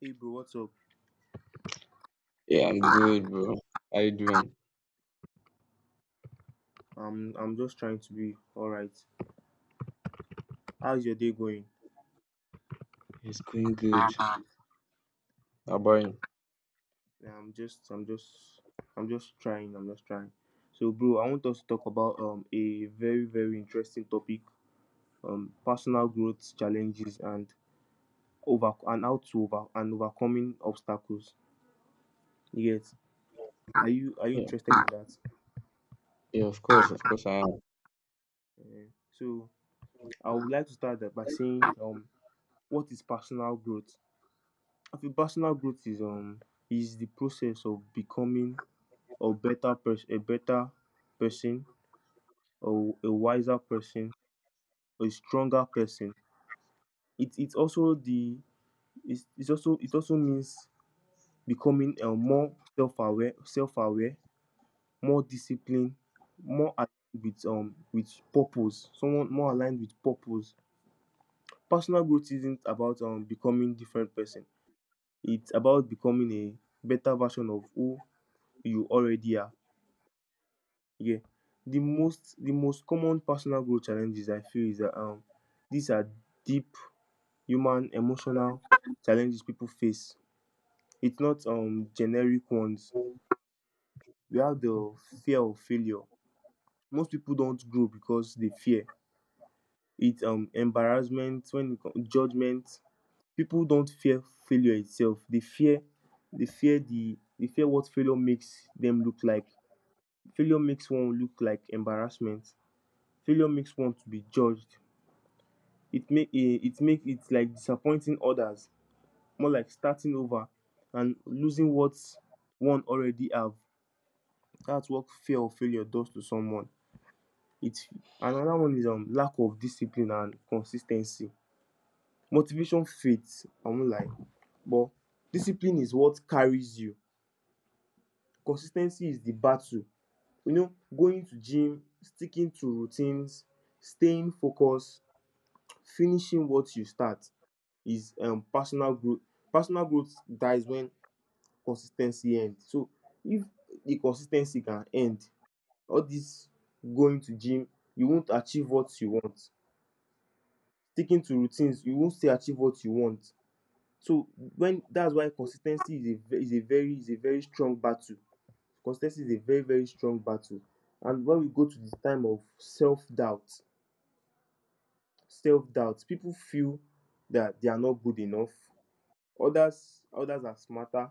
Hey bro, what's up? Yeah, I'm good, bro. How you doing? I'm just trying to be all right. How's your day going? It's going good. How Um, about you? yeah, I'm just I'm just trying. I'm just trying. So bro, I want us to talk about a very very interesting topic, personal growth challenges and over and how to over and overcoming obstacles. Yes. Are you Yeah, interested in that? yeah, of course I am. Yeah. So I would like to start that by saying, what is personal growth? I feel personal growth is, is the process of becoming or better person, a better person, or a wiser person, or a stronger person. It's also the it's also it also means becoming more self-aware, self-aware, more disciplined, more aligned with purpose. Someone more aligned with purpose. Personal growth isn't about becoming different person. It's about becoming a better version of who you already are. Yeah. The most common personal growth challenges I feel is that these are deep human emotional challenges people face. It's not generic ones. We have the fear of failure. Most people don't grow because they fear. It. Embarrassment when it comes judgment. People don't fear failure itself. They fear they fear what failure makes them look like. Failure makes one look like embarrassment. Failure makes one to be judged, it make it make it like disappointing others, more like starting over and losing what one already have. That's what fear of failure does to someone. It another one is lack of discipline and consistency. Motivation fades, I won't lie, but discipline is what carries you. Consistency is the battle, you know, going to gym, sticking to routines, staying focused, finishing what you start, is personal growth. Personal growth dies when consistency ten end. So if the consistency can end, all this going to gym, you won't achieve what you want. Sticking to routines, you won't still achieve what you want. So when that's why consistency is a is a very strong battle. Consistency is a very very strong battle. And when we go to the time of self doubt, self doubt people feel that they are not good enough, others are smarter,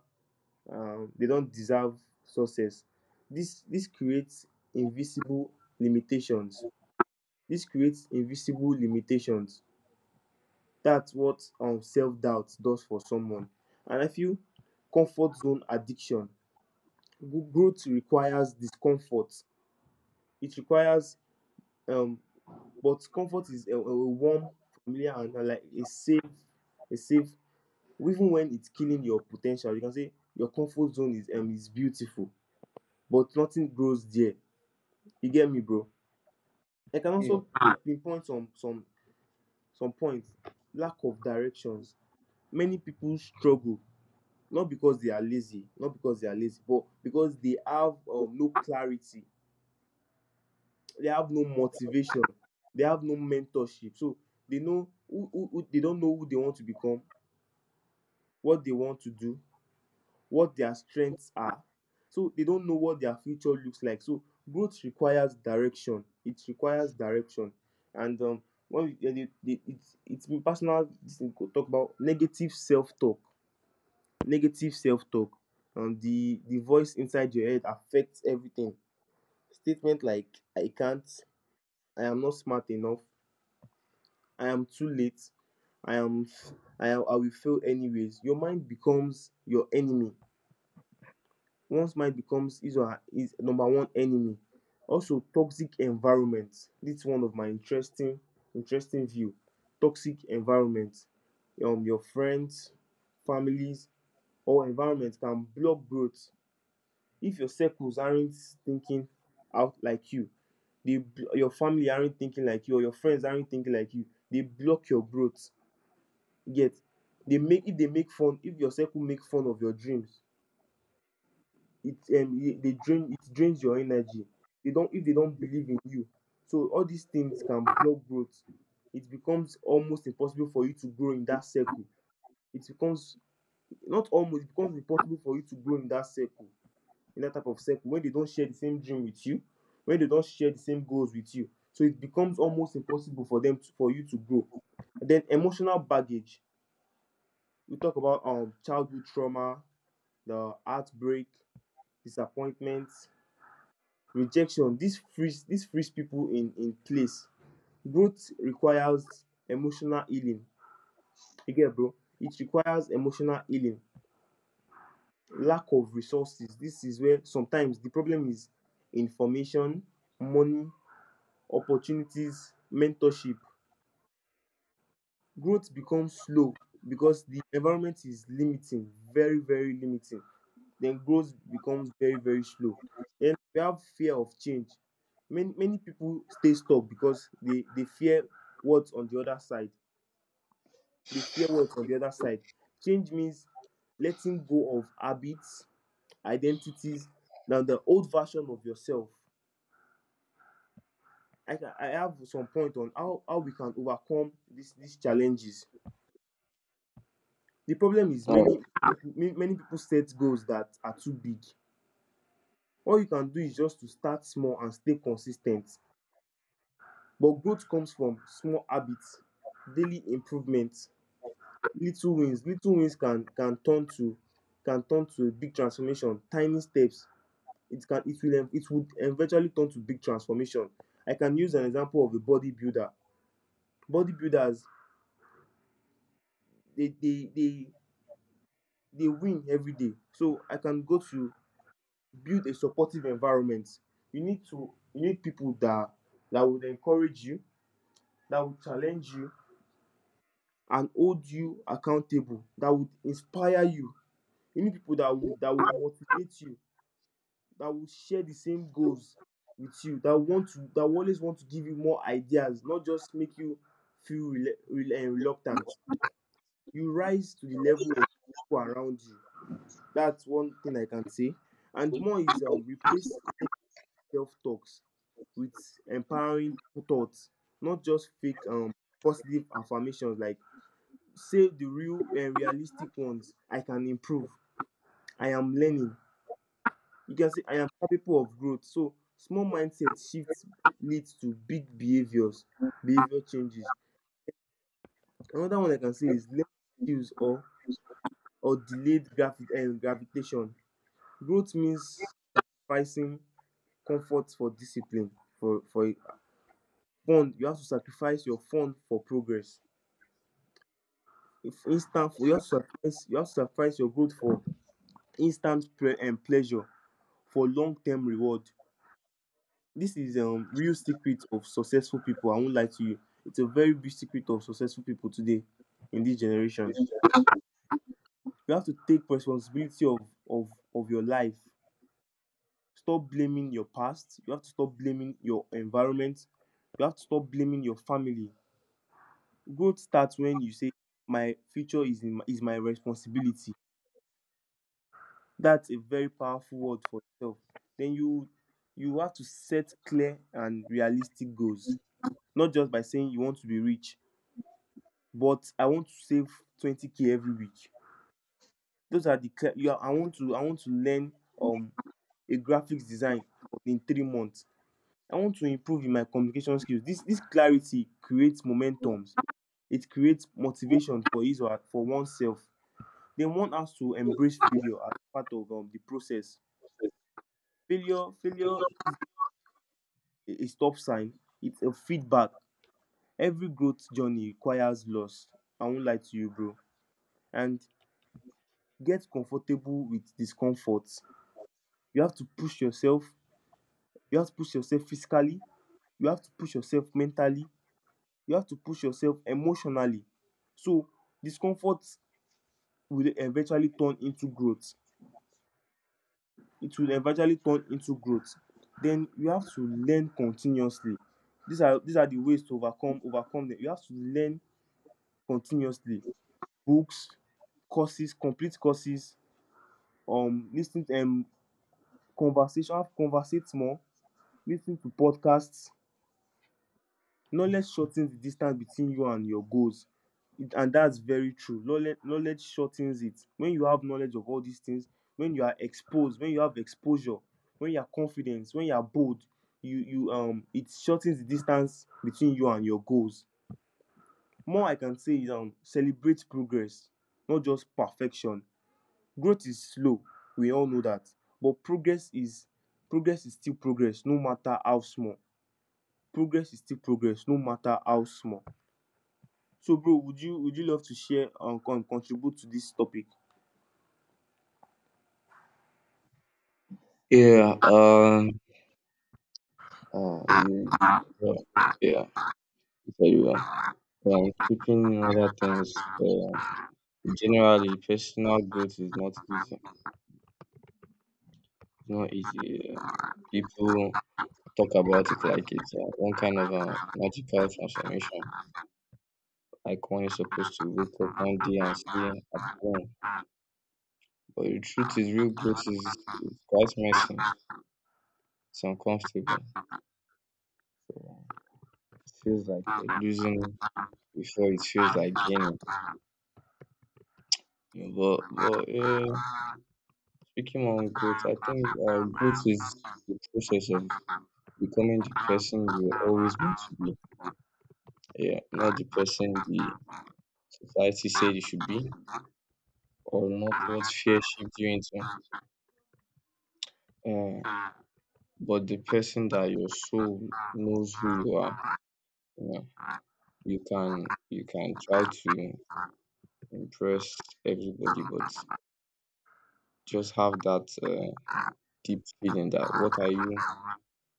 they don't deserve success. This creates invisible limitations. This creates invisible limitations. That's what self doubt does for someone. And I feel comfort zone addiction. Growth requires discomfort. It requires um, but comfort is a warm, familiar, and like a safe, a safe. Even when it's killing your potential, you can say your comfort zone is beautiful, but nothing grows there. You get me, bro? I can also Yeah. Pinpoint some some points. Lack of directions. Many people struggle not because they are lazy, not because they are lazy, but because they have, no clarity. They have no motivation. They have no mentorship. So they know who they don't know who they want to become, what they want to do, what their strengths are. So they don't know what their future looks like. So growth requires direction. It requires direction. And when we, it's been personal. This thing could talk about negative self-talk. Negative self-talk. And the voice inside your head affects everything. Statement like I can't, I am not smart enough, I am too late, I am, I will fail anyways. Your mind becomes your enemy. One's mind becomes his or her his number one enemy. Also toxic environment, dis one of my interesting interesting view. Toxic environment, your friends, families or environment can block growth. If your circles aren't thinking out like you, dey your family aren't thinking like you or your friends aren't thinking like you, they block your growth. Yet, they make if they make fun, if your circle make fun of your dreams, it they drain it drains your energy, they don't if they don't believe in you, so all these things can block growth. It becomes almost impossible for you to grow in that circle. It becomes not almost, it becomes impossible for you to grow in that circle, in that type of circle when they don't share the same dream with you, when they don't share the same goals with you, so it becomes almost impossible for them to, for you to grow. And then emotional baggage. We talk about childhood trauma, the heartbreak, disappointment, rejection. This frees people in place. Growth requires emotional healing. You get bro, it requires emotional healing. Lack of resources, this is where sometimes the problem is. Information, money, opportunities, mentorship, growth becomes slow because the environment is limiting, very very limiting. Then growth becomes very very slow. Then we have fear of change. Many people stay stuck because they fear what's on the other side. They fear what's on the other side. Change means letting go of habits, identities, now the old version of yourself. I have some point on how we can overcome this these challenges. The problem is Oh, many people set goals that are too big. All you can do is just to start small and stay consistent. But growth comes from small habits, daily improvements, little wins. Can turn to a big transformation. Tiny steps, it it would eventually turn to big transformation. I can use an example of a bodybuilder. Bodybuilders, they they win every day. So I can go to build a supportive environment. You need people that would encourage you, that would challenge you and hold you accountable, that would inspire you. You need people that would motivate you, that would share the same goals with you, that want to that will always want to give you more ideas, not just make you feel reluctant. You rise to the level of people around you. That's one thing I can say. And more is, replace self talks with empowering thoughts, not just fake, positive affirmations like save the real and realistic ones. I can improve. I am learning. You can say I am capable of growth. So small mindset shifts leads to big behaviors, behavior changes. Another one I can say is learning skills or delayed gravitation. Growth means sacrificing comfort for discipline. For fun, you have to sacrifice your fun for progress. If instant, you have to sacrifice your growth for instant pre- and pleasure for long-term reward. This is real secret of successful people. I won't lie to you. It's a very big secret of successful people today in this generation. You have to take responsibility of of your life. Stop blaming your past. You have to stop blaming your environment. You have to stop blaming your family. Growth starts when you say, "My future is is my responsibility." That's a very powerful word for itself. Then you have to set clear and realistic goals, not just by saying you want to be rich, but I want to save 20k every week. Those are the cli- you are, I want to learn um a graphics design in 3 months. I want to improve in my communication skills. This clarity creates momentums. It creates motivation for his or for oneself. They want us to embrace failure as part of, the process. Failure is a stop sign. It's a feedback. Every growth journey requires loss. I won't lie to you, bro. And get comfortable with discomfort. You have to push yourself, you have to push yourself physically, you have to push yourself mentally, you have to push yourself emotionally. So discomfort will eventually turn into growth. It will eventually turn into growth. Then you have to learn continuously. These are the ways to overcome them. You have to learn continuously, books, courses, complete courses, listening ten conversation, have conversate more, listening to podcasts. Knowledge shortens the distance between you and your goals. And that's very true. Knowledge knowledge shortens it. When you have knowledge of all these things, when you are exposed, when you have exposure, when you are confident, when you are bold, you it shortens the distance between you and your goals. More I can say is, celebrate progress, not just perfection. Growth is slow, we all know that. But progress is still progress, no matter how small. Progress is still progress, no matter how small. So, bro, would you love to share and contribute to this topic? yeah. You. Yeah. Yeah. Very well. Yeah, I'm keeping other things. Uh, Generally, personal growth is not easy. It's not easy. People talk about it like it's one kind of a magical transformation, like one is supposed to wake up one day and say, "I'm grown." But the truth is, real growth is quite messy. It's uncomfortable. So it feels like you're losing before it feels like gaining. You know, but speaking on growth, I think growth is the process of becoming the person you were always meant to be. Yeah, not the person the society said you should be, or not what fear shaped you into. Uh, but the person that your soul knows who you are. You know, you can try to impress everybody, but just have that deep feeling that what are you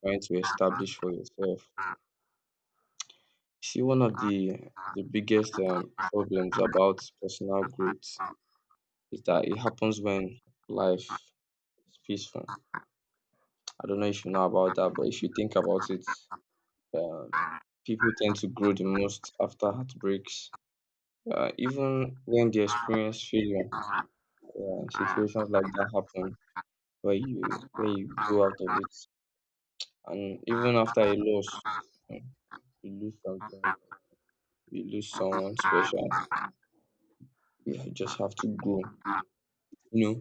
trying to establish for yourself? See, one of the biggest problems about personal growth is that it happens when life is peaceful. I don't know if you know about that, but if you think about it, uh, people tend to grow the most after heartbreaks. Even when they experience failure, situations like that happen where you go out of it. And even after a loss, mm, we lose something, we lose someone special. Just have to grow. You know,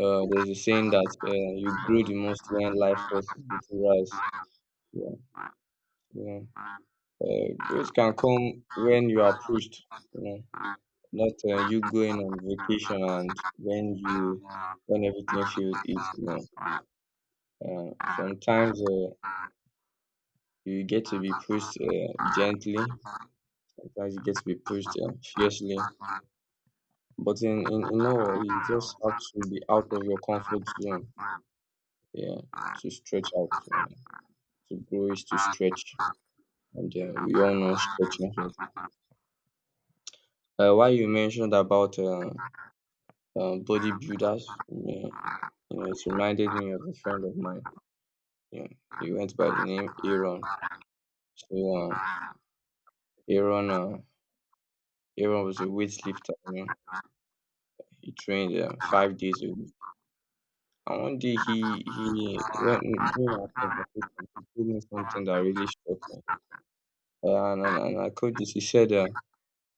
there's a saying that you grow the most when life forces you to rise. Yeah, yeah. Growth can come when you are pushed. You know, not you going on vacation and when everything feels easy. You know, sometimes you get to be pushed gently. Sometimes you get to be pushed fiercely. But in in all, you just have to be out of your comfort zone, yeah, to stretch out, yeah. To grow is to stretch, and we all know stretching helps. While you mentioned about bodybuilders, yeah, you know, it reminded me of a friend of mine. Yeah, he went by the Yeah. name Yeah. Aaron. So Aaron, Aaron was a weightlifter. You know, he trained 5 days a week. And one day he when during our conversation, he told me something that really struck me. And I quote this,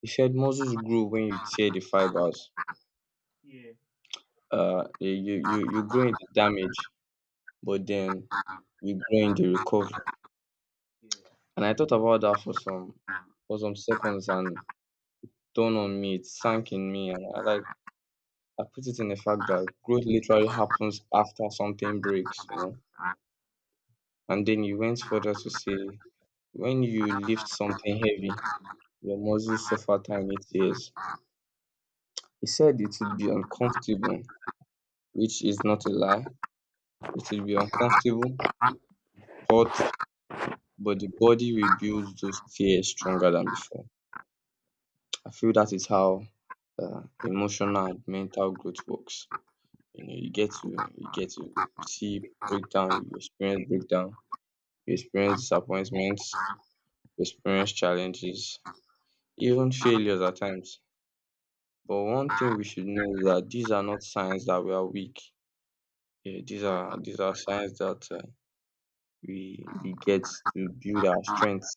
he said, muscles grow when you tear the fibers. You grow in the damage, but then you grow in the recovery. And I thought about that for some seconds, and dawned on me, it sank in me, and I put it in the fact that growth literally happens after something breaks, you know. And then he went further to say, when you lift something heavy, your muscles suffer tiny tears. He said it would be uncomfortable, which is not a lie. It will be uncomfortable, hot, but the body rebuilds those fears stronger than before. I feel that is how emotional and mental growth works. You know, you get to see breakdown, you experience disappointments, you experience challenges, even failures at times. But one thing we should know is that these are not signs that we are weak. Yeah, these are signs that we get to build our strength.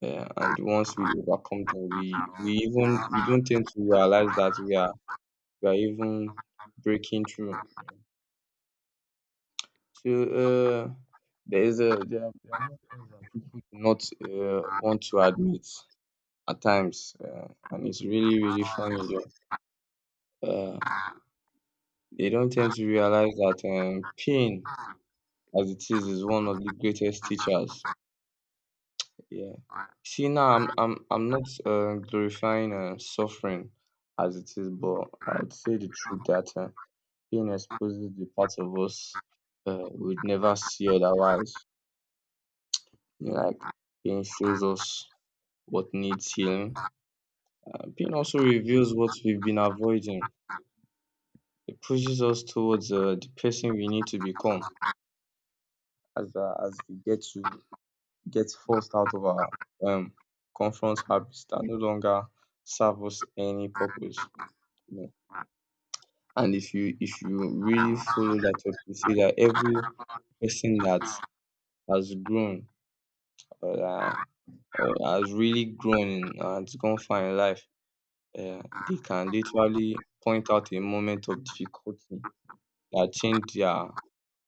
Yeah, and once we overcome them, we don't tend to realize that we are even breaking through. So there is a there are more things that people do not want to admit at times, and it's really really funny though. Uh, they don't tend to realize that pain, as it is one of the greatest teachers. Yeah. See, now I'm not glorifying suffering as it is, but I would say the truth that pain exposes the part of us we'd never see otherwise. You know, like pain shows us what needs healing. Pain also reveals what we've been avoiding. It pushes us towards the person we need to become as we get to get forced out of our um comfort habits that no longer serve us any purpose. Yeah. And if you really follow that up, you see that every person that has grown or, uh, or has really grown and gone far in life, they can literally point out a moment of difficulty that changed their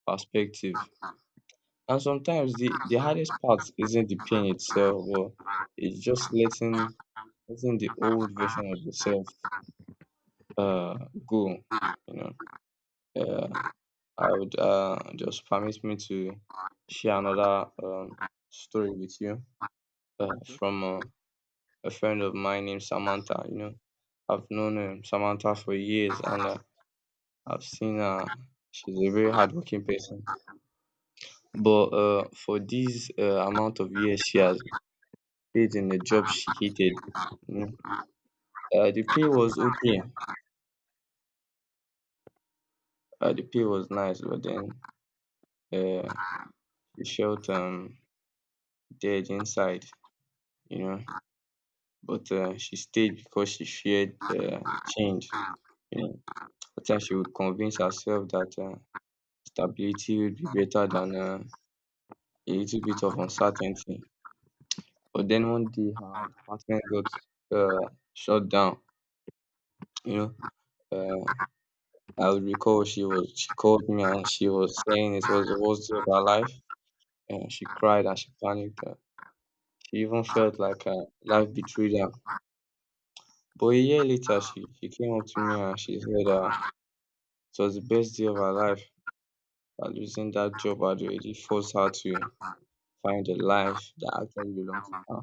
perspective. And sometimes the hardest part isn't the pain itself, but it's just letting the old version of yourself uh go, you know. Uh, I would just permit me to share another story with you uh, Okay. from uh, a friend of mine named Samantha. You know, I've known Samantha for years, and I've seen her. She's a very hardworking person. But for this amount of years, she has stayed in a job she hated. You know, the pay was okay. The pay was nice, but then uh, she felt dead inside. You know, but she stayed because she feared change. You know, at times she would convince herself that stability would be better than a little bit of uncertainty. But then one day her department got shut down, you know. Um I would recall she called me and she was saying it was the worst day of her life, and she cried and she panicked. She even felt like life betrayed her. But a year later she came up to me and she said it was the best day of her life, that losing that job had already forced her to find a life that actually belonged to her.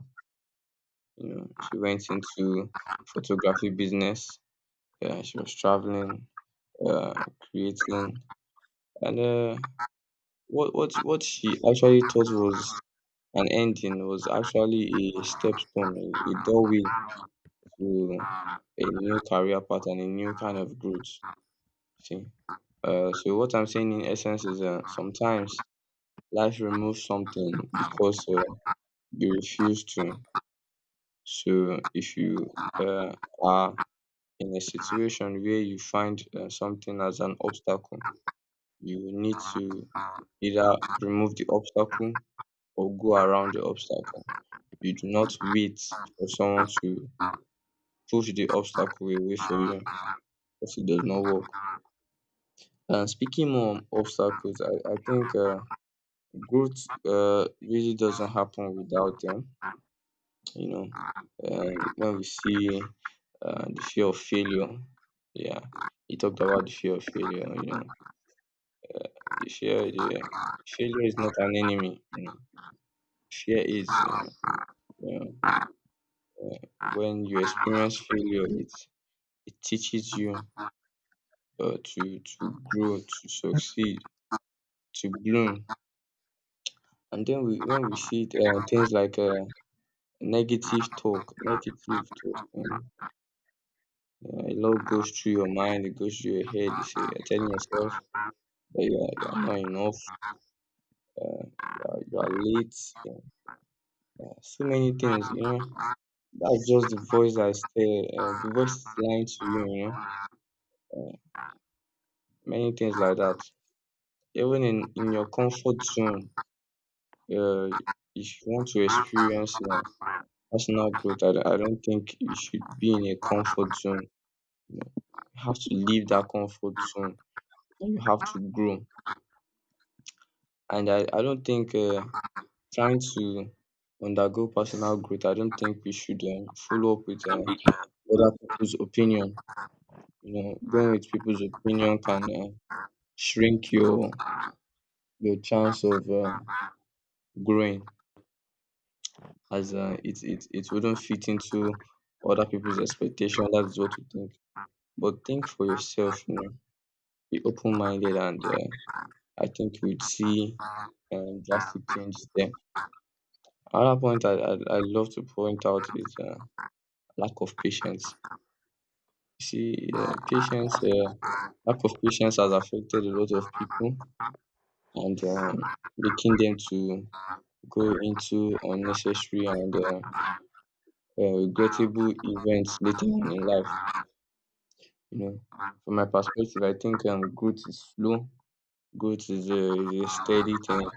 You know, she went into photography business. Yeah, she was traveling, uh, creating, and what she actually thought was an ending was actually a step stone, a doorway to a new career path and a new kind of growth. See, so what I'm saying in essence is sometimes life removes something because you refuse to. So if you uh, are in a situation where you find something as an obstacle, you will need to either remove the obstacle or go around the obstacle. You do not wait for someone to push the obstacle away for you if it does not work. And speaking more on obstacles, I think growth really doesn't happen without them. You know, when we see the fear of failure, yeah, he talked about the fear of failure, you know, the failure is not an enemy, you know, fear is, you know, when you experience failure, it teaches you to grow, to succeed, to bloom. And then when we see things like negative talk, you know, yeah, a lot goes through your mind, it goes through your head. You say, you're telling yourself, yeah, you are not enough. You are late. Yeah, so many things, you know. That's just the voice that is there. The voice is lying to you, you know. Uh, Many things like that. Even in your comfort zone, uh, if you want to experience personal growth, I don't think you should be in a comfort zone. You know. You have to leave that comfort zone. You have to grow. And I don't think trying to undergo personal growth, I don't think we should follow up with other people's opinion. You know, going with people's opinion can shrink your chance of growing, as it wouldn't fit into other people's expectation. That is what you think. But think for yourself. You know, be open minded, and I think you'd see drastic changes there. Another point I love to point out is lack of patience. You see, uh, patience, uh, lack of patience has affected a lot of people and making them to go into unnecessary and regrettable events later on in life. You know, from my perspective, I think growth is slow. Growth is is a steady thing.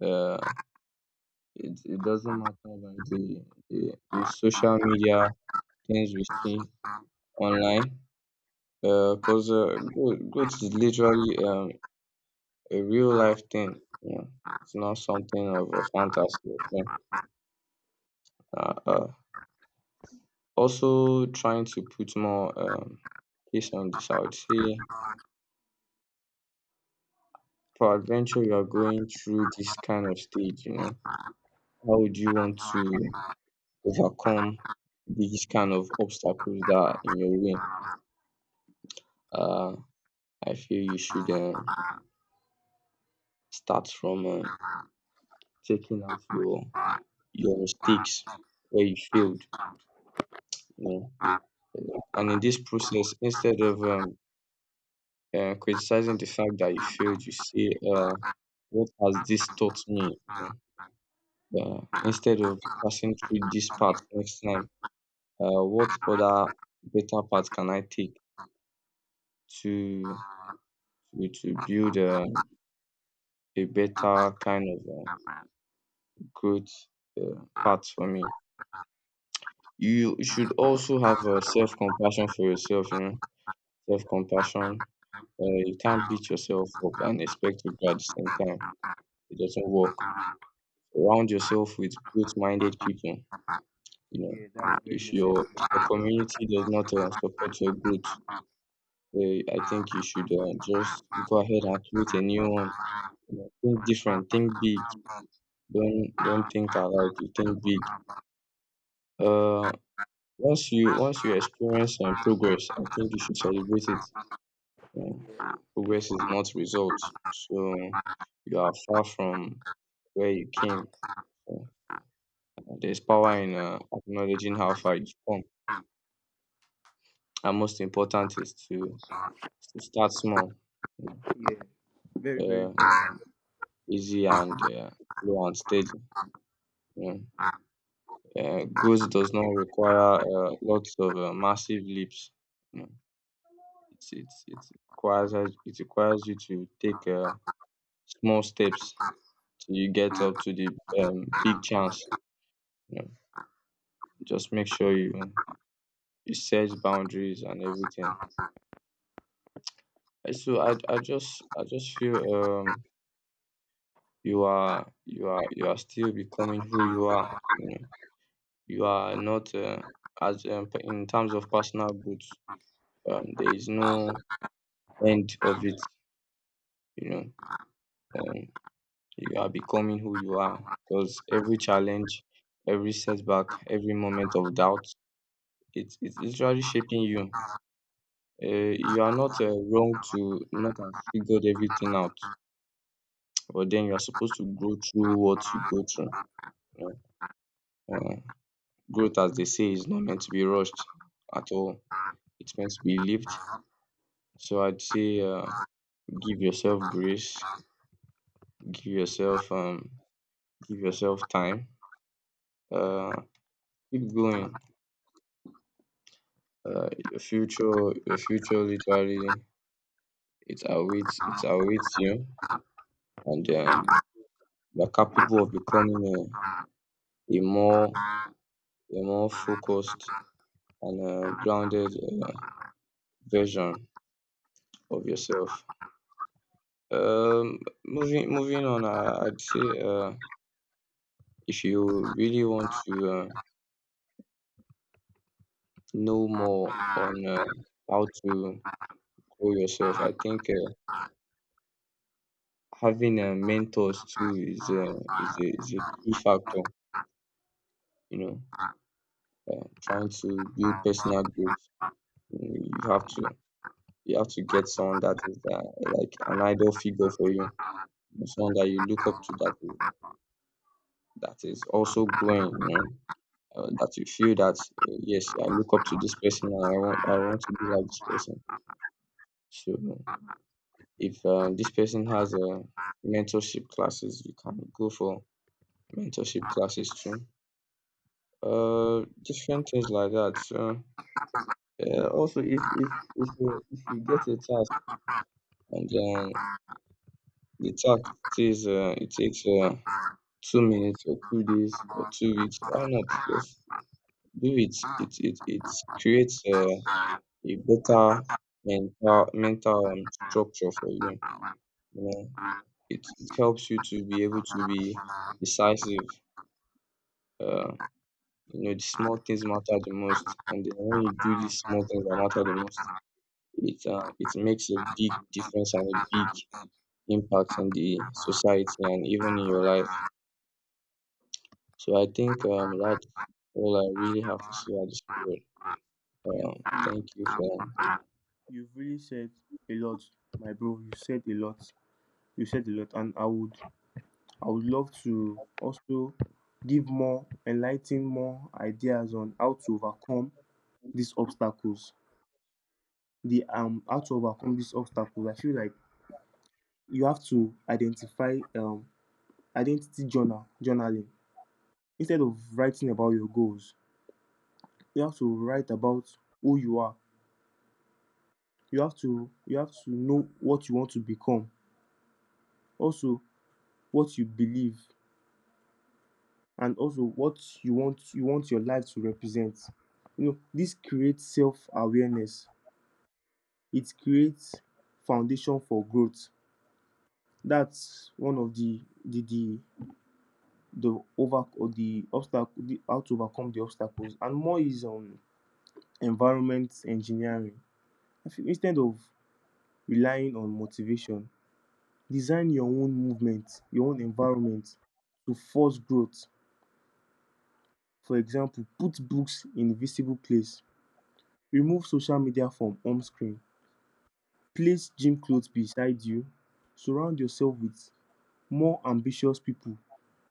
Uh, it doesn't matter about the social media things we see online. Because growth, growth is literally a real life thing. You know, it's not something of a fantasy or something. Uh, uh, Also, trying to put more case on this, I would say, for adventure, you are going through this kind of stage. You know, how would you want to overcome these kind of obstacles that are in your way? Uh, I feel you should start from taking out your mistakes where you failed. You know, and in this process, instead of criticizing the fact that you failed, you say, what has this taught me? You know. Instead of passing through this part next time, what other better path can I take to to build a better kind of growth path for me? You should also have self compassion for yourself, you know, self compassion. You can't Wow. beat yourself up and expect to be at the same time. It doesn't work. Surround yourself with growth-minded people. You know, Yeah, that was very if necessary. your if your community does not support your growth, I think you should just go ahead and create a new one. You know, think different, think big. Don't think alike. You think big. Uh, once you experience progress, I think you should celebrate it. Uh, Progress is not results, so you are far from where you came. So, there's power in acknowledging how far you've come. And most important is to start small, Yeah, very, very uh, easy and slow and steady. Mm. Growth does not require lots of massive leaps. Mm. It's, it's, it requires you to take small steps till you get up to the big chance. Yeah. Just make sure you set boundaries and everything. And So I just feel you are still becoming who you important. are, you know. You are not in terms of personal growth, there is no end of it, you know. um, you are becoming who you are, because every challenge, every setback, every moment of doubt, it's literally shaping you. uh, you are not wrong to not have figured everything out, but then you are supposed to grow through what you go through, you know. Growth, as they say, is not meant to be rushed at all. It's meant to be lived. So I'd say, give yourself grace, give yourself um, give yourself time. Uh, Keep going. Uh, your future, your future literally, it awaits you, and Yeah, you're capable of becoming a more focused and grounded version of yourself. Um, moving on, I'd say. If you really want to know more on how to grow yourself, I think having mentors too is is a key factor. You know, trying to build personal growth, you know, you have to you have to get someone that is like an idol figure for you, someone that you look up to that is also growing. You know, that you feel that yes, I look up to this person and I want to be like this person. So if this person has a mentorship classes, you can go for mentorship classes too. Different things like that. So, also, if you get a task and then the task says it takes 2 minutes or 2 days or 2 weeks, why not just do it? It creates a better mental mental structure for you. You know, it helps you to be able to be decisive. Uh, you know, the small things matter the most, and then when you do these small things that matter the most, it makes a big difference and a big impact in the society and even in your life. So I think that's all I really have to say at this period. you've you, Thank you for. you've really said a lot, my bro. You said a lot. You said a lot, and I would love to also give more, enlighten more ideas on how to overcome these obstacles. The how to overcome these obstacles. I feel like you have to identify identity journaling. Instead of writing about your goals, you have to write about who you are. You have to know what you want to become, also what you believe, and also what you want your life to represent. You know, this creates self-awareness, it creates foundation for growth. That's one of the over or the obstacle, the how to overcome the obstacles. And more is on environment engineering. I feel, instead of relying on motivation, design your own movement, your own environment to force growth. For example, put books in visible place, remove social media from home screen, place gym clothes beside you, surround yourself with more ambitious people.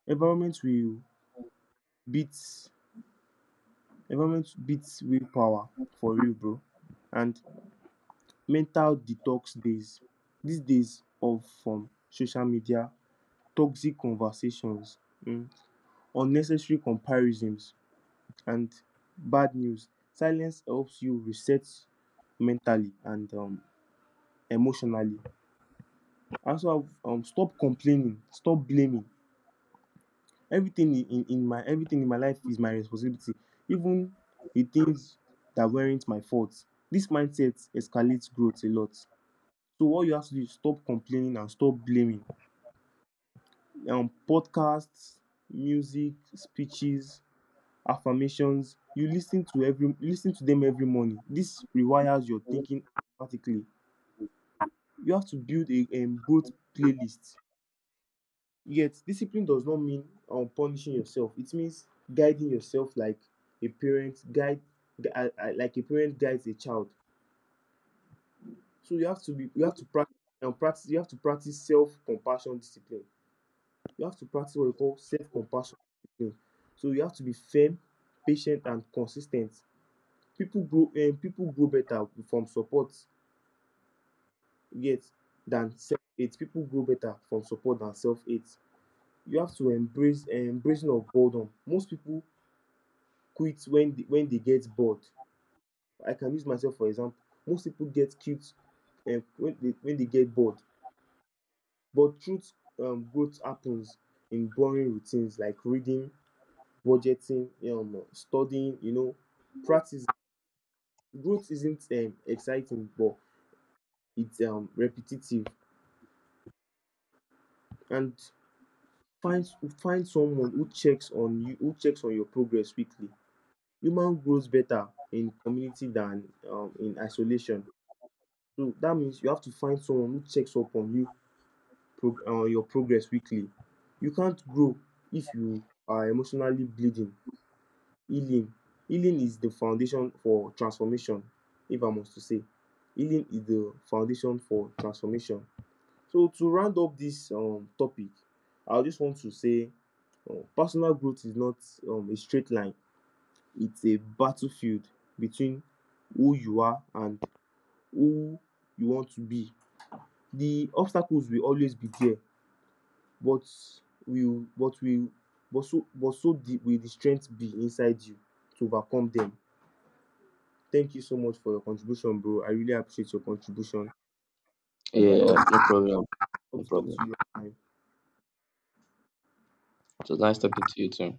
Environment will beat environment beats willpower for real, bro. And mental detox days. These days off from social media, toxic conversations, mm, unnecessary comparisons, and bad news. Silence helps you reset mentally and emotionally. Also, stop complaining, stop blaming. Everything in my life is my responsibility, even the things that weren't my fault. This mindset escalates growth a lot. So what you have to do is stop complaining and stop blaming. Podcasts, music, speeches, affirmations. You listen to every listen to them every morning. This rewires your thinking automatically. You have to build a growth playlist. Yet discipline does not mean punishing yourself. It means guiding yourself like a parent guide um like a parent guides a child. So you have to be you have to practice practice you have to practice self-compassion discipline. You have to practice what we call self-compassion discipline. So you have to be firm, patient and consistent. People grow better from support, yet than self-hate. People grow better from support than self-hate. You have to embrace embracing of boredom. Most people quit when they get bored. I can use myself for example. Most people get cute when they get bored, but truth growth happens in boring routines like reading, budgeting, studying, you know, practice. Growth isn't exciting, but it's repetitive. And find find someone who checks on you, who checks on your progress weekly. Human grows better in community than in isolation. So that means you have to find someone who checks up on you on your progress weekly. You can't grow if you are emotionally bleeding. Healing. Healing is the foundation for transformation, if I must to say. Healing is the foundation for transformation. So to round up this topic, I just want to say personal growth is not a straight line. It's a battlefield between who you are and who you want to be. The obstacles will always be there, but will but will but so the, will the strength be inside you to overcome them. Thank you so much for your contribution, bro. I really appreciate your contribution. I Yeah, no hope problem. No hope to talk problem. to you So nice talking to you too.